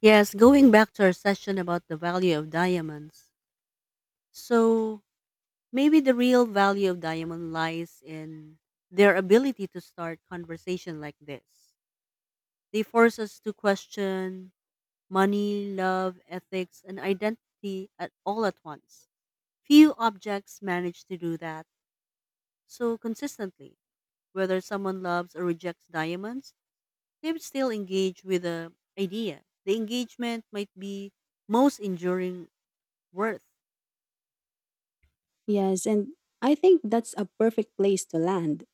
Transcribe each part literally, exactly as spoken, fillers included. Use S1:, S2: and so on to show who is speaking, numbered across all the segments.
S1: Yes, going back to our session about the value of diamonds. So, maybe the real value of diamond lies in their ability to start conversation like this. They force us to question money, love, ethics, and identity at all at once. Few objects manage to do that so consistently. Whether someone loves or rejects diamonds, they would still engage with the idea. The engagement might be most enduring worth.
S2: Yes, and I think that's a perfect place to land.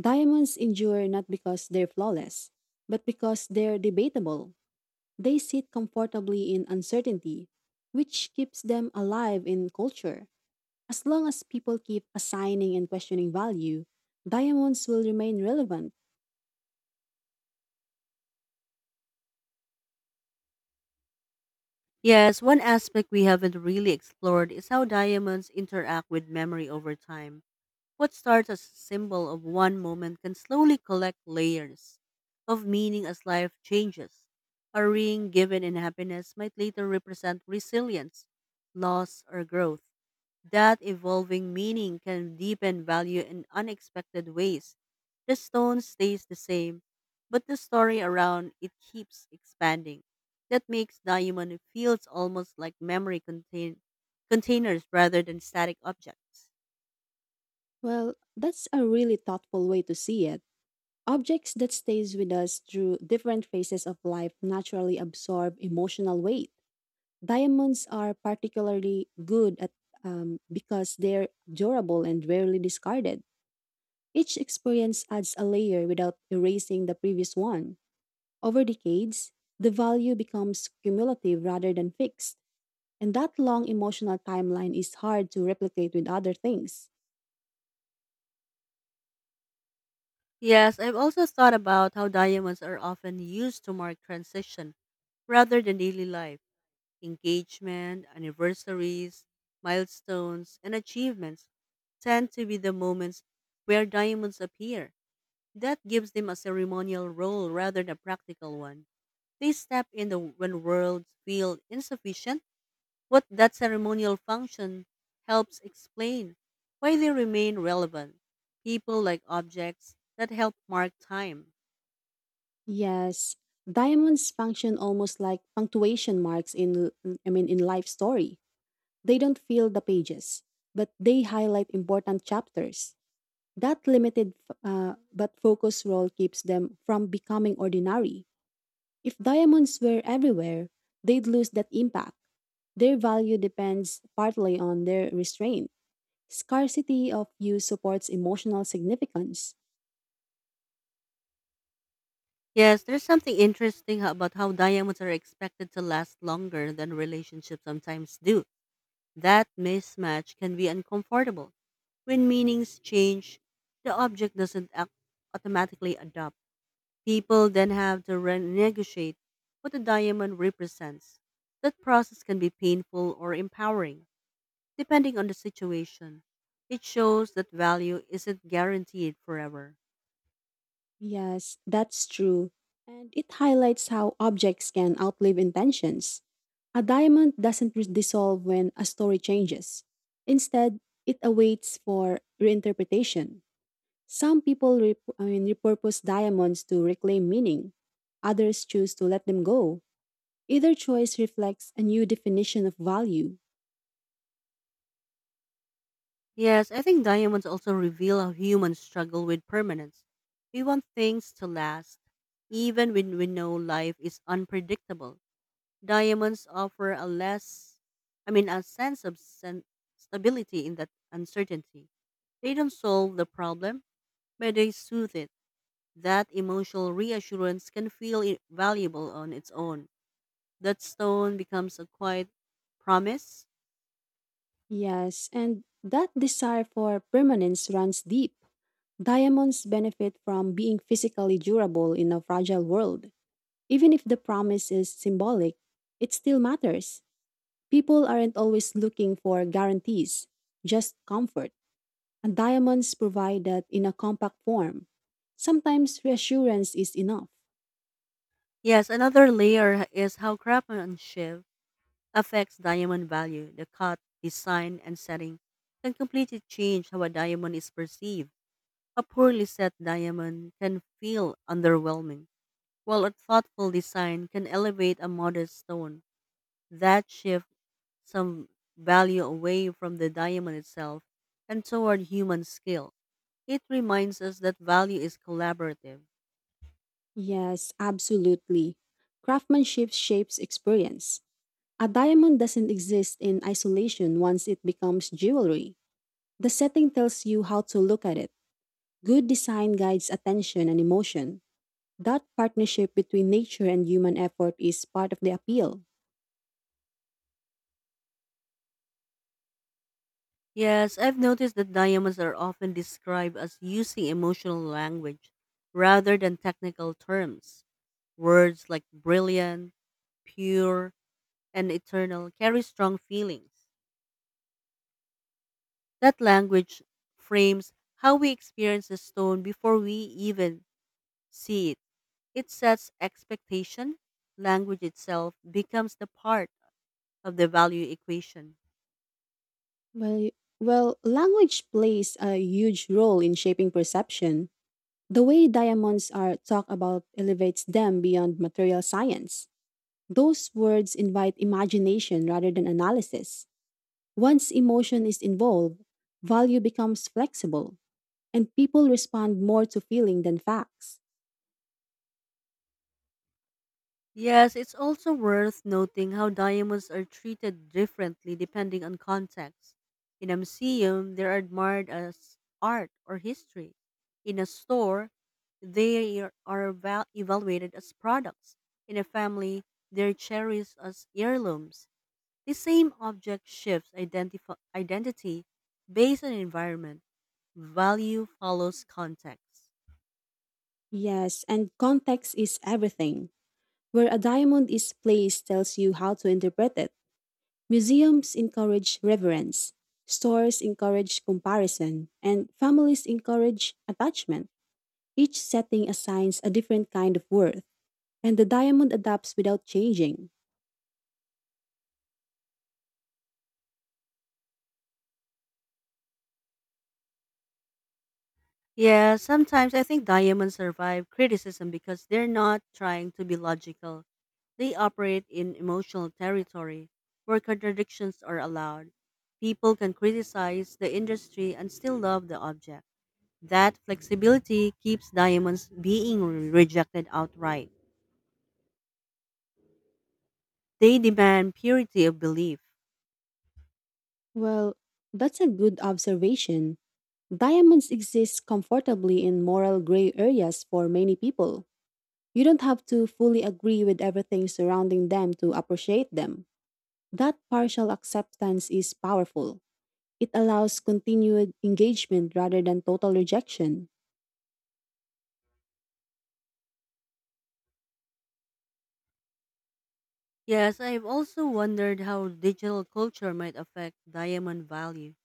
S2: Diamonds endure not because they're flawless, but because they're debatable. They sit comfortably in uncertainty, which keeps them alive in culture. As long as people keep assigning and questioning value, diamonds will remain relevant.
S1: Yes, one aspect we haven't really explored is how diamonds interact with memory over time. What starts as a symbol of one moment can slowly collect layers of meaning as life changes. A ring given in happiness might later represent resilience, loss, or growth. That evolving meaning can deepen value in unexpected ways. The stone stays the same, but the story around it keeps expanding. That makes diamond feels almost like memory contain- containers rather than static objects.
S2: Well, that's a really thoughtful way to see it. Objects that stays with us through different phases of life naturally absorb emotional weight. Diamonds are particularly good at um, because they're durable and rarely discarded. Each experience adds a layer without erasing the previous one. Over decades, the value becomes cumulative rather than fixed, and that long emotional timeline is hard to replicate with other things.
S1: Yes, I've also thought about how diamonds are often used to mark transition rather than daily life. Engagement, anniversaries, milestones, and achievements tend to be the moments where diamonds appear. That gives them a ceremonial role rather than a practical one. They step in the, when worlds feel insufficient. What that ceremonial function helps explain why they remain relevant. People like objects that help mark time.
S2: Yes, diamonds function almost like punctuation marks in l- I mean in life story. They don't fill the pages, but they highlight important chapters. That limited f- uh, but focused role keeps them from becoming ordinary. If diamonds were everywhere, they'd lose that impact. Their value depends partly on their restraint. Scarcity of use supports emotional significance.
S1: Yes, there's something interesting ho- about how diamonds are expected to last longer than relationships sometimes do. That mismatch can be uncomfortable. When meanings change, the object doesn't act automatically adapt. People then have to renegotiate what the diamond represents. That process can be painful or empowering, depending on the situation. It shows that value isn't guaranteed forever.
S2: Yes, that's true. And it highlights how objects can outlive intentions. A diamond doesn't re- dissolve when a story changes. Instead, it awaits for reinterpretation. Some people rep- I mean, repurpose diamonds to reclaim meaning. Others choose to let them go. Either choice reflects a new definition of value.
S1: Yes, I think diamonds also reveal how humans struggle with permanence. We want things to last, even when we know life is unpredictable. Diamonds offer a less, I mean, a sense of sen- stability in that uncertainty. They don't solve the problem, but they soothe it. That emotional reassurance can feel i- valuable on its own. That stone becomes a quiet promise.
S2: Yes, and that desire for permanence runs deep. Diamonds benefit from being physically durable in a fragile world. Even if the promise is symbolic, it still matters. People aren't always looking for guarantees, just comfort. And diamonds provide that in a compact form. Sometimes reassurance is enough.
S1: Yes, another layer is how craftsmanship affects diamond value. The cut, design, and setting can completely change how a diamond is perceived. A poorly set diamond can feel underwhelming, while a thoughtful design can elevate a modest stone. That shifts some value away from the diamond itself and toward human skill. It reminds us that value is collaborative.
S2: Yes, absolutely. Craftsmanship shapes experience. A diamond doesn't exist in isolation once it becomes jewelry. The setting tells you how to look at it. Good design guides attention and emotion. That partnership between nature and human effort is part of the appeal.
S1: Yes, I've noticed that diamonds are often described as using emotional language rather than technical terms. Words like brilliant, pure, and eternal carry strong feelings. That language frames how we experience the stone before we even see it. It sets expectation. Language itself becomes the part of the value equation.
S2: Well, well, language plays a huge role in shaping perception. The way diamonds are talked about elevates them beyond material science. Those words invite imagination rather than analysis. Once emotion is involved, value becomes flexible, and people respond more to feeling than facts.
S1: Yes, it's also worth noting how diamonds are treated differently depending on context. In a museum, they're admired as art or history. In a store, they are are eva- evaluated as products. In a family, they're cherished as heirlooms. The same object shifts identif- identity based on environment. Value follows context.
S2: Yes, and context is everything. Where a diamond is placed tells you how to interpret it. Museums encourage reverence, stores encourage comparison, and families encourage attachment. Each setting assigns a different kind of worth, and the diamond adapts without changing.
S1: Yeah, sometimes I think diamonds survive criticism because they're not trying to be logical. They operate in emotional territory where contradictions are allowed. People can criticize the industry and still love the object. That flexibility keeps diamonds being re- rejected outright. They demand purity of belief.
S2: Well, that's a good observation. Diamonds exist comfortably in moral gray areas for many people. You don't have to fully agree with everything surrounding them to appreciate them. That partial acceptance is powerful. It allows continued engagement rather than total rejection.
S1: Yes, I've also wondered how digital culture might affect diamond value.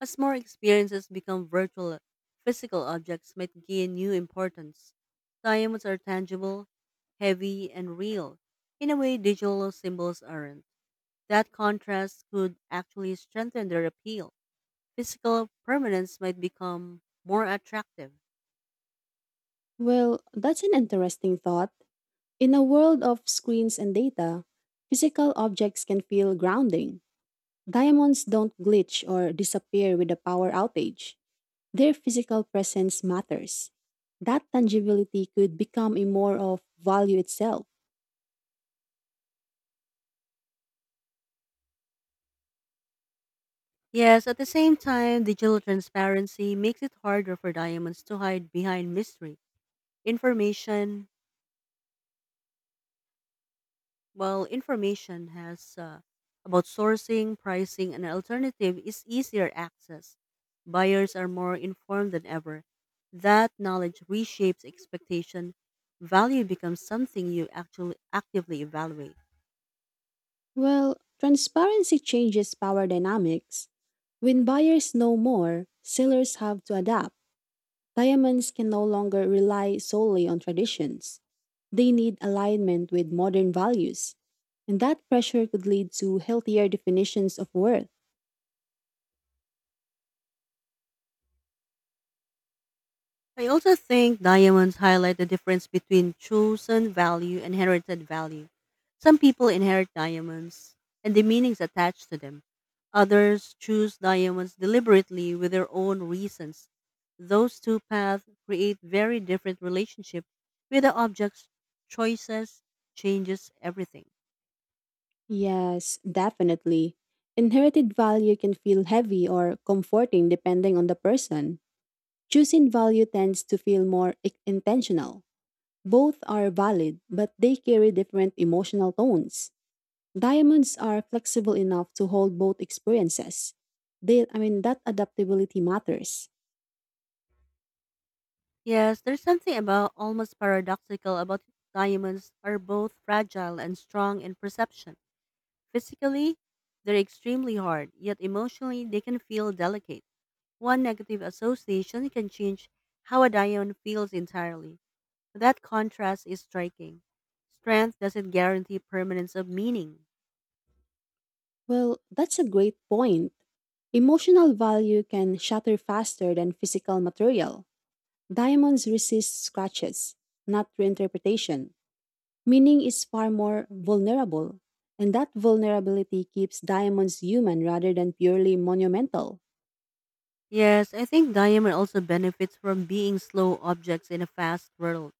S1: As more experiences become virtual, physical objects might gain new importance. Diamonds are tangible, heavy, and real, in a way digital symbols aren't. That contrast could actually strengthen their appeal. Physical permanence might become more attractive.
S2: Well, that's an interesting thought. In a world of screens and data, physical objects can feel grounding. Diamonds don't glitch or disappear with a power outage. Their physical presence matters. That tangibility could become a more of value itself.
S1: Yes, at the same time, digital transparency makes it harder for diamonds to hide behind mystery, information. While information has, uh, about sourcing, pricing, and alternative is easier access, buyers are more informed than ever. That knowledge reshapes expectation. Value becomes something you actually actively evaluate.
S2: Well, transparency changes power dynamics. When buyers know more, sellers have to adapt. Diamonds can no longer rely solely on traditions. They need alignment with modern values. And that pressure could lead to healthier definitions of worth.
S1: I also think diamonds highlight the difference between chosen value and inherited value. Some people inherit diamonds and the meanings attached to them. Others choose diamonds deliberately with their own reasons. Those two paths create very different relationship with the object's choices changes everything.
S2: Yes, definitely. Inherited value can feel heavy or comforting depending on the person. Choosing value tends to feel more i- intentional. Both are valid, but they carry different emotional tones. Diamonds are flexible enough to hold both experiences. They, I mean, that adaptability matters.
S1: Yes, there's something about almost paradoxical about diamonds are both fragile and strong in perception. Physically, they're extremely hard, yet emotionally, they can feel delicate. One negative association can change how a diamond feels entirely. That contrast is striking. Strength doesn't guarantee permanence of meaning.
S2: Well, that's a great point. Emotional value can shatter faster than physical material. Diamonds resist scratches, not reinterpretation. Meaning is far more vulnerable, and that vulnerability keeps diamonds human rather than purely monumental.
S1: Yes, I think diamond also benefits from being slow objects in a fast world.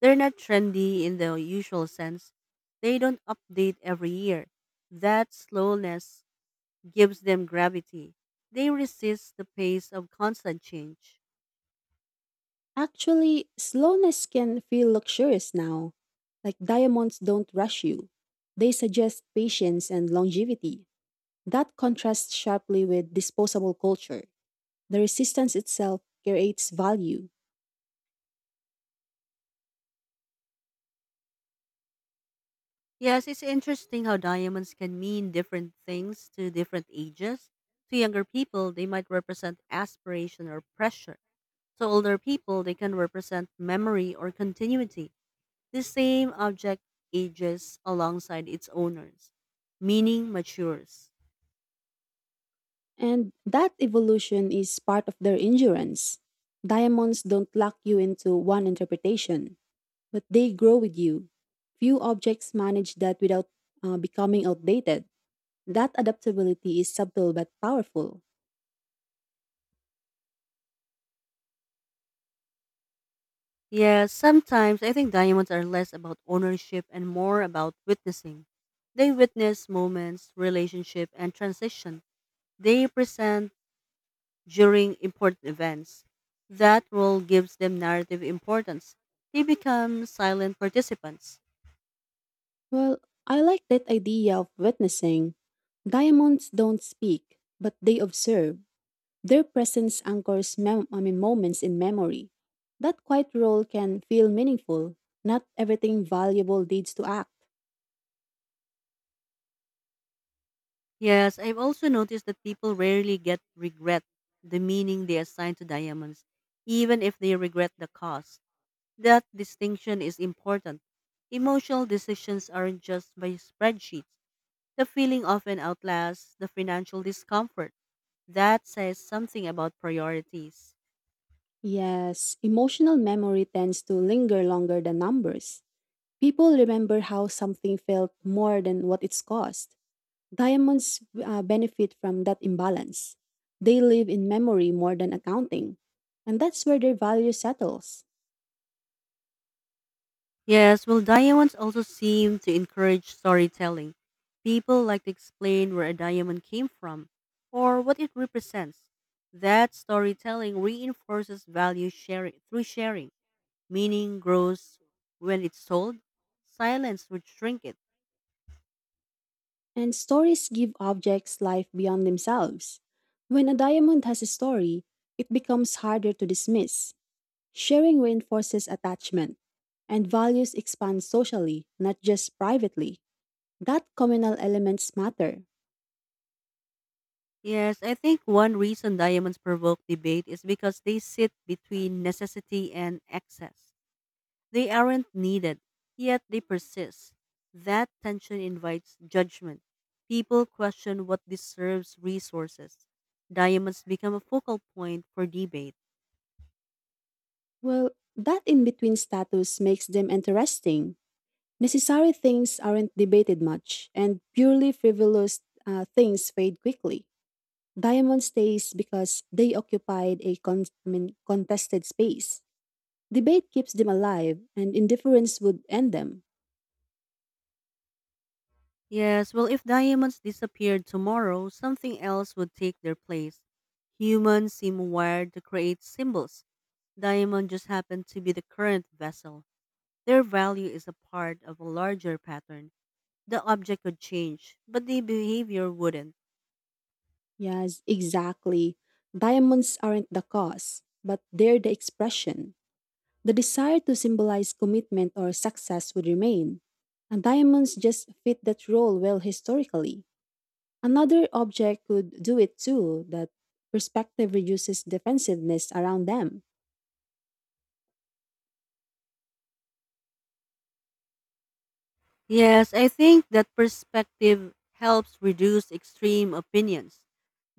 S1: They're not trendy in the usual sense. They don't update every year. That slowness gives them gravity. They resist the pace of constant change.
S2: Actually, slowness can feel luxurious now. Like diamonds don't rush you. They suggest patience and longevity. That contrasts sharply with disposable culture. The resistance itself creates value.
S1: Yes, it's interesting how diamonds can mean different things to different ages. To younger people, they might represent aspiration or pressure. To older people, they can represent memory or continuity. The same object ages alongside its owners, meaning matures.
S2: And that evolution is part of their endurance. Diamonds don't lock you into one interpretation, but they grow with you. Few objects manage that without uh, becoming outdated. That adaptability is subtle but powerful.
S1: Yes, sometimes I think diamonds are less about ownership and more about witnessing. They witness moments, relationship, and transition. They present during important events. That role gives them narrative importance. They become silent participants.
S2: Well, I like that idea of witnessing. Diamonds don't speak, but they observe. Their presence anchors mem- I mean, moments in memory. That quiet role can feel meaningful. Not everything valuable needs to act.
S1: Yes, I've also noticed that people rarely get regret the meaning they assign to diamonds, even if they regret the cost. That distinction is important. Emotional decisions aren't just by spreadsheets. The feeling often outlasts the financial discomfort. That says something about priorities.
S2: Yes, emotional memory tends to linger longer than numbers. People remember how something felt more than what it's cost. Diamonds uh, benefit from that imbalance. They live in memory more than accounting, and that's where their value settles.
S1: Yes, well, diamonds also seem to encourage storytelling. People like to explain where a diamond came from or what it represents. That storytelling reinforces value sharing through sharing. Meaning grows when it's told. Silence would shrink it.
S2: And stories give objects life beyond themselves. When a diamond has a story, it becomes harder to dismiss. Sharing reinforces attachment, and values expand socially, not just privately. That communal elements matter.
S1: Yes, I think one reason diamonds provoke debate is because they sit between necessity and excess. They aren't needed, yet they persist. That tension invites judgment. People question what deserves resources. Diamonds become a focal point for debate.
S2: Well, that in between status makes them interesting. Necessary things aren't debated much, and purely frivolous uh, things fade quickly. Diamond stays because they occupied a con- I mean, contested space. Debate keeps them alive, and indifference would end them.
S1: Yes, well, if diamonds disappeared tomorrow, something else would take their place. Humans seem wired to create symbols. Diamond just happened to be the current vessel. Their value is a part of a larger pattern. The object could change, but the behavior wouldn't.
S2: Yes, exactly. Diamonds aren't the cause, but they're the expression. The desire to symbolize commitment or success would remain. And diamonds just fit that role well historically. Another object could do it too, that perspective reduces defensiveness around them.
S1: Yes, I think that perspective helps reduce extreme opinions.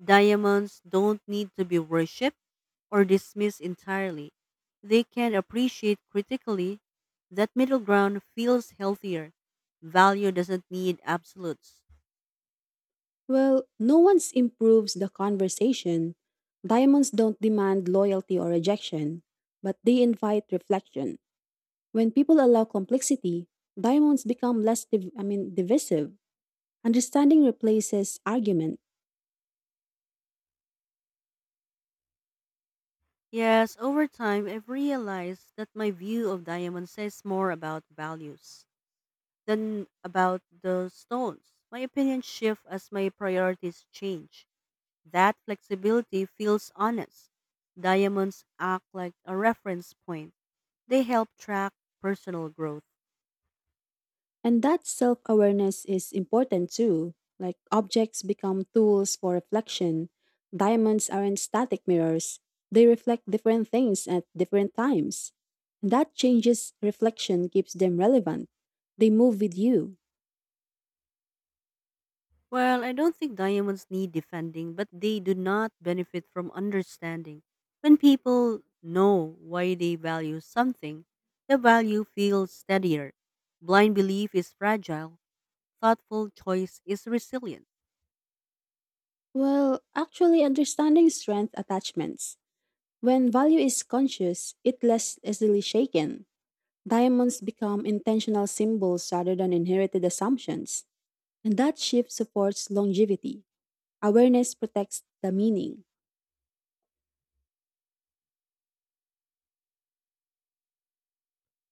S1: Diamonds don't need to be worshipped or dismissed entirely. They can appreciate critically. That middle ground feels healthier. Value doesn't need absolutes.
S2: Well, nuance improves the conversation. Diamonds don't demand loyalty or rejection, but they invite reflection. When people allow complexity, diamonds become less div- I mean divisive. Understanding replaces argument.
S1: Yes, over time, I've realized that my view of diamonds says more about values than about the stones. My opinions shift as my priorities change. That flexibility feels honest. Diamonds act like a reference point. They help track personal growth.
S2: And that self awareness is important too. Like objects become tools for reflection. Diamonds aren't static mirrors, they reflect different things at different times. And that changes reflection keeps them relevant. They move with you.
S1: Well, I don't think diamonds need defending, but they do not benefit from understanding. When people know why they value something, the value feels steadier. Blind belief is fragile, thoughtful choice is resilient.
S2: Well, actually, understanding strength attachments. When value is conscious, it less easily shaken. Diamonds become intentional symbols rather than inherited assumptions. And that shift supports longevity. Awareness protects the meaning.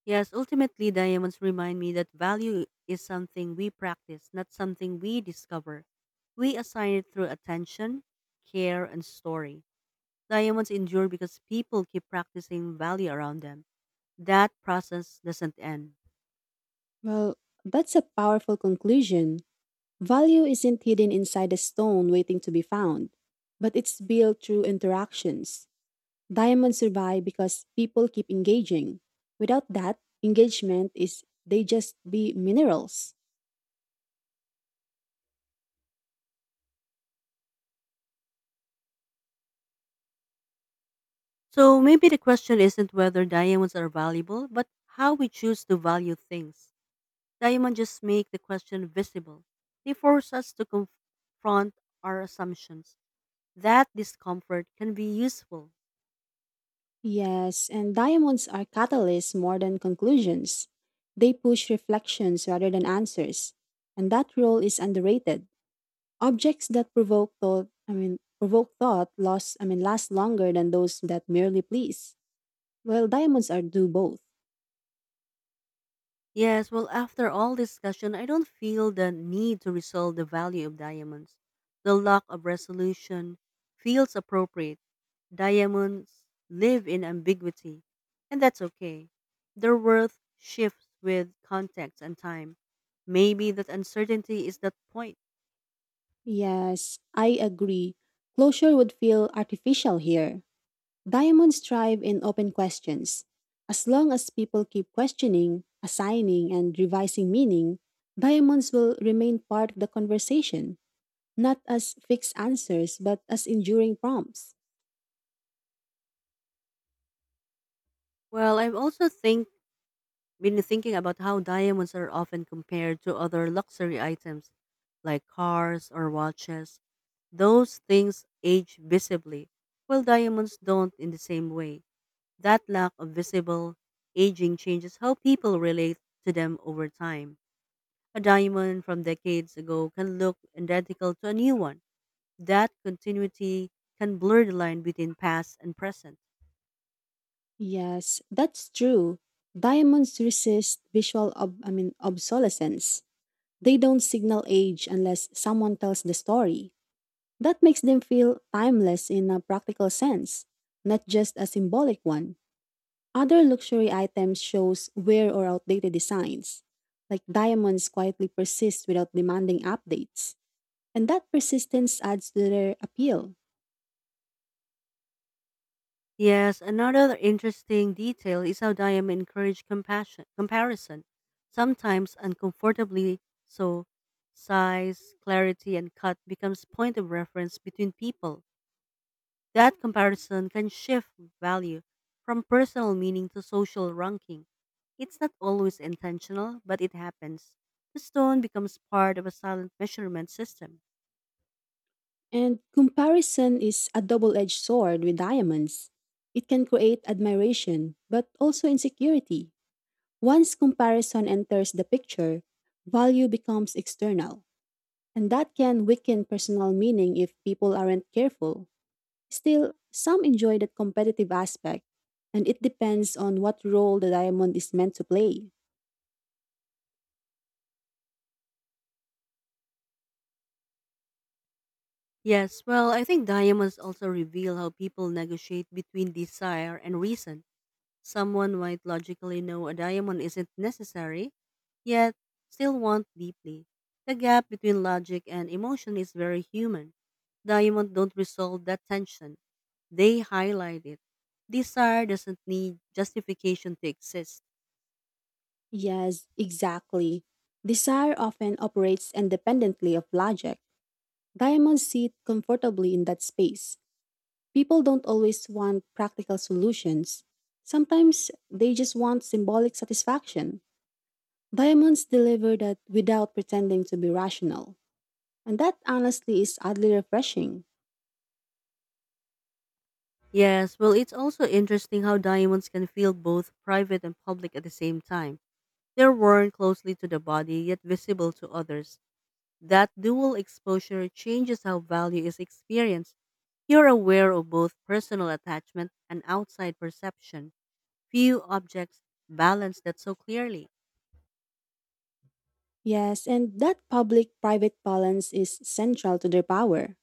S1: Yes, ultimately, diamonds remind me that value is something we practice, not something we discover. We assign it through attention, care, and story. Diamonds endure because people keep practicing value around them. That process doesn't end.
S2: Well, that's a powerful conclusion. Value isn't hidden inside a stone waiting to be found, but it's built through interactions. Diamonds survive because people keep engaging. Without that, engagement is they just be minerals.
S1: So maybe the question isn't whether diamonds are valuable, but how we choose to value things. Diamonds just make the question visible. They force us to confront our assumptions. That discomfort can be useful.
S2: Yes, and diamonds are catalysts more than conclusions. They push reflections rather than answers, and that role is underrated. Objects that provoke thought, I mean, provoke thought last, I mean, last longer than those that merely please. Well, diamonds are do both.
S1: Yes, well, after all discussion, I don't feel the need to resolve the value of diamonds. The lack of resolution feels appropriate. Diamonds live in ambiguity, and that's okay. Their worth shifts with context and time. Maybe that uncertainty is that point.
S2: Yes, I agree. Closure would feel artificial here. Diamonds thrive in open questions. As long as people keep questioning, assigning, and revising meaning, diamonds will remain part of the conversation, not as fixed answers, but as enduring prompts.
S1: Well, I'm also thinking. Been thinking about how diamonds are often compared to other luxury items like cars or watches. Those things age visibly, while diamonds don't in the same way. That lack of visible aging changes how people relate to them over time. A diamond from decades ago can look identical to a new one. That continuity can blur the line between past and present.
S2: Yes, that's true. Diamonds resist visual ob- I mean obsolescence. They don't signal age unless someone tells the story. That makes them feel timeless in a practical sense, not just a symbolic one. Other luxury items shows wear or outdated designs. Like diamonds quietly persist without demanding updates, and that persistence adds to their appeal.
S1: Yes, another interesting detail is how Dayam encouraged compassion, comparison, sometimes uncomfortably so. Size, clarity, and cut becomes point of reference between people. That comparison can shift value from personal meaning to social ranking. It's not always intentional, but it happens. The stone becomes part of a silent measurement system.
S2: And comparison is a double edged sword with diamonds. It can create admiration, but also insecurity. Once comparison enters the picture, value becomes external, and that can weaken personal meaning if people aren't careful. Still, some enjoy that competitive aspect, and it depends on what role the diamond is meant to play.
S1: Yes, well, I think diamonds also reveal how people negotiate between desire and reason. Someone might logically know a diamond isn't necessary, yet still want deeply. The gap between logic and emotion is very human. Diamonds don't resolve that tension. They highlight it. Desire doesn't need justification to exist.
S2: Yes, exactly. Desire often operates independently of logic. Diamonds sit comfortably in that space. People don't always want practical solutions. Sometimes they just want symbolic satisfaction. Diamonds deliver that without pretending to be rational. And that honestly is oddly refreshing.
S1: Yes, well, it's also interesting how diamonds can feel both private and public at the same time. They're worn closely to the body, yet visible to others. That dual exposure changes how value is experienced. You're aware of both personal attachment and outside perception. Few objects balance that so clearly.
S2: Yes, and that public private balance is central to their power.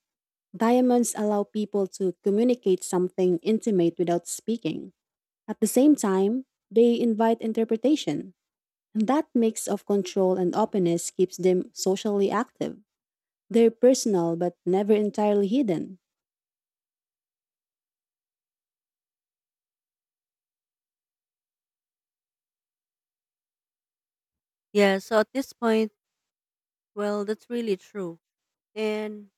S2: Diamonds allow people to communicate something intimate without speaking. At the same time, they invite interpretation. And that mix of control and openness keeps them socially active. They're personal but never entirely hidden.
S1: Yeah, so at this point, well, that's really true. And,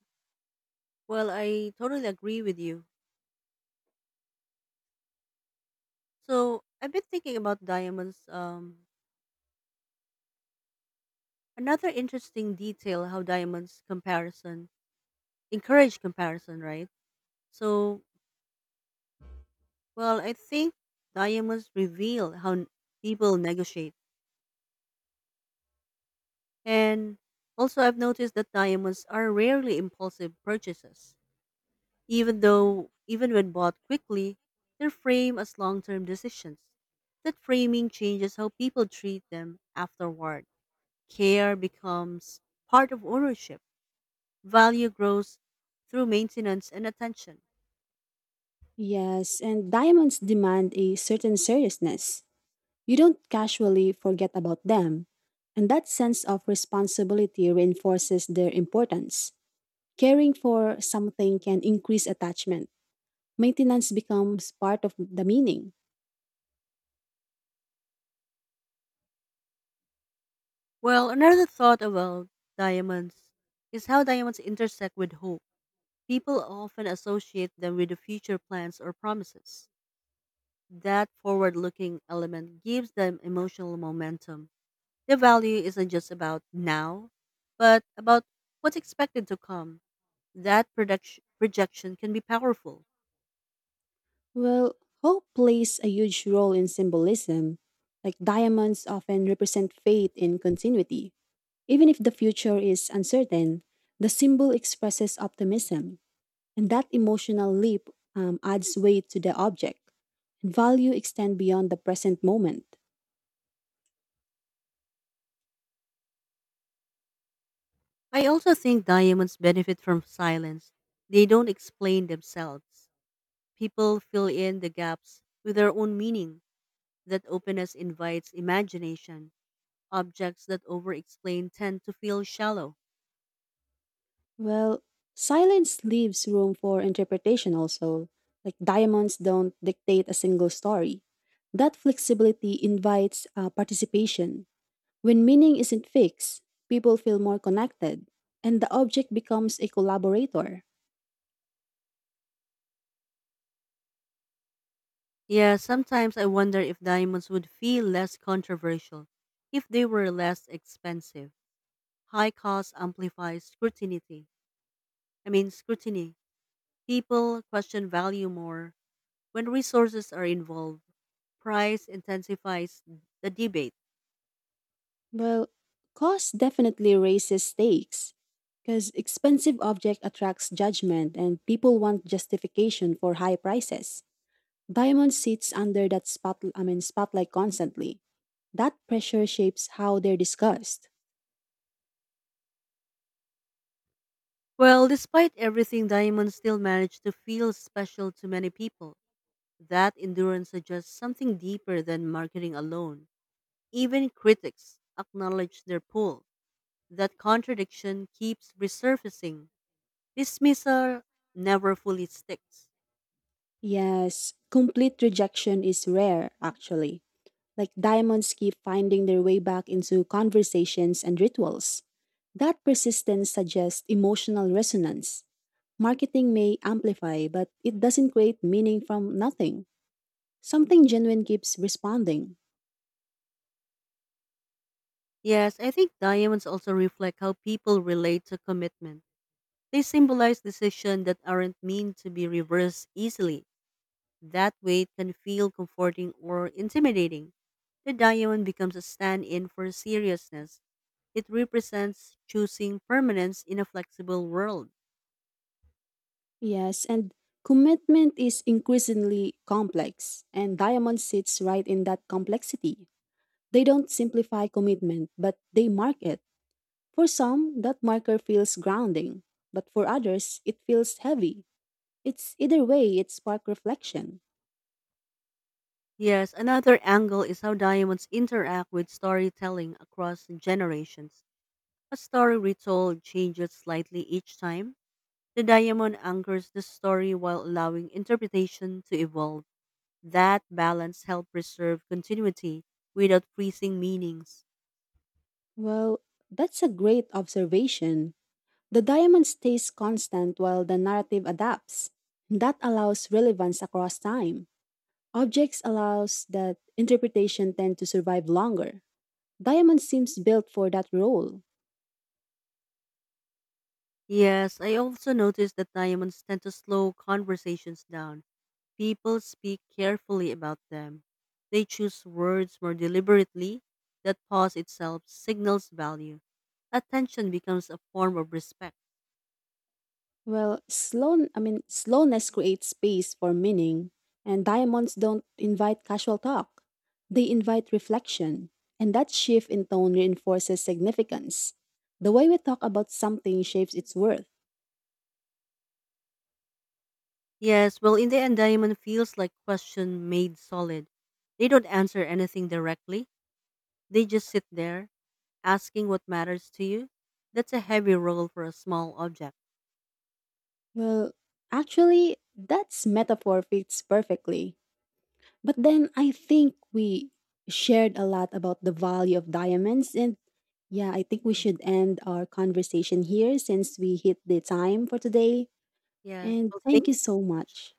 S1: well, I totally agree with you. So, I've been thinking about diamonds. Um, another interesting detail how diamonds comparison encourage comparison, right? So, well, I think diamonds reveal how n- people negotiate. And also, I've noticed that diamonds are rarely impulsive purchases. Even though, even when bought quickly, they're framed as long term decisions. That framing changes how people treat them afterward. Care becomes part of ownership. Value grows through maintenance and attention.
S2: Yes, and diamonds demand a certain seriousness. You don't casually forget about them. And that sense of responsibility reinforces their importance. Caring for something can increase attachment. Maintenance becomes part of the meaning.
S1: Well, another thought about diamonds is how diamonds intersect with hope. People often associate them with the future plans or promises. That forward looking element gives them emotional momentum. The value isn't just about now, but about what's expected to come. That production, projection can be powerful.
S2: Well, hope plays a huge role in symbolism. Like diamonds often represent faith in continuity. Even if the future is uncertain, the symbol expresses optimism, and that emotional leap um, adds weight to the object. And value extend beyond the present moment.
S1: I also think diamonds benefit from silence. They don't explain themselves. People fill in the gaps with their own meaning. That openness invites imagination. Objects that over explain tend to feel shallow.
S2: Well, silence leaves room for interpretation also. Like diamonds don't dictate a single story. That flexibility invites uh, participation. When meaning isn't fixed, people feel more connected, and the object becomes a collaborator.
S1: Yeah, sometimes I wonder if diamonds would feel less controversial if they were less expensive. High cost amplifies scrutiny. I mean, scrutiny. People question value more. When resources are involved, price intensifies the debate.
S2: Well, cost definitely raises stakes because expensive object attracts judgment and people want justification for high prices. Diamond sits under that spot I mean spotlight constantly. That pressure shapes how they're discussed.
S1: Well, despite everything, diamonds still manage to feel special to many people. That endurance suggests something deeper than marketing alone. Even critics acknowledge their pull. That contradiction keeps resurfacing. Dismissal never fully sticks.
S2: Yes, complete rejection is rare actually. Like diamonds keep finding their way back into conversations and rituals. That persistence suggests emotional resonance. Marketing may amplify, but it doesn't create meaning from nothing. Something genuine keeps responding.
S1: Yes, I think diamonds also reflect how people relate to commitment. They symbolize decisions that aren't meant to be reversed easily. That weight can feel comforting or intimidating. The diamond becomes a stand in for seriousness. It represents choosing permanence in a flexible world.
S2: Yes, and commitment is increasingly complex, and Diamond sits right in that complexity. They don't simplify commitment, but they mark it. For some, that marker feels grounding, but for others, it feels heavy. It's either way, it sparked reflection.
S1: Yes, another angle is how diamonds interact with storytelling across generations. A story retold changes slightly each time. The diamond anchors the story while allowing interpretation to evolve. That balance helps preserve continuity without freezing meanings.
S2: Well, that's a great observation. The diamond stays constant while the narrative adapts. That allows relevance across time. Objects allows that interpretation tend to survive longer. Diamond seems built for that role.
S1: Yes, I also noticed that diamonds tend to slow conversations down. People speak carefully about them. They choose words more deliberately. That pause itself signals value. Attention becomes a form of respect.
S2: Well, slow, I mean, slowness creates space for meaning, and diamonds don't invite casual talk. They invite reflection, and that shift in tone reinforces significance. The way we talk about something shapes its worth.
S1: Yes, well, in the end, diamond feels like question made solid. They don't answer anything directly. They just sit there, asking what matters to you. That's a heavy role for a small object.
S2: Well, actually, that's metaphor fits perfectly. But then I think we shared a lot about the value of diamonds, and yeah, I think we should end our conversation here since we hit the time for today.
S1: Yes.
S2: And thank you so much.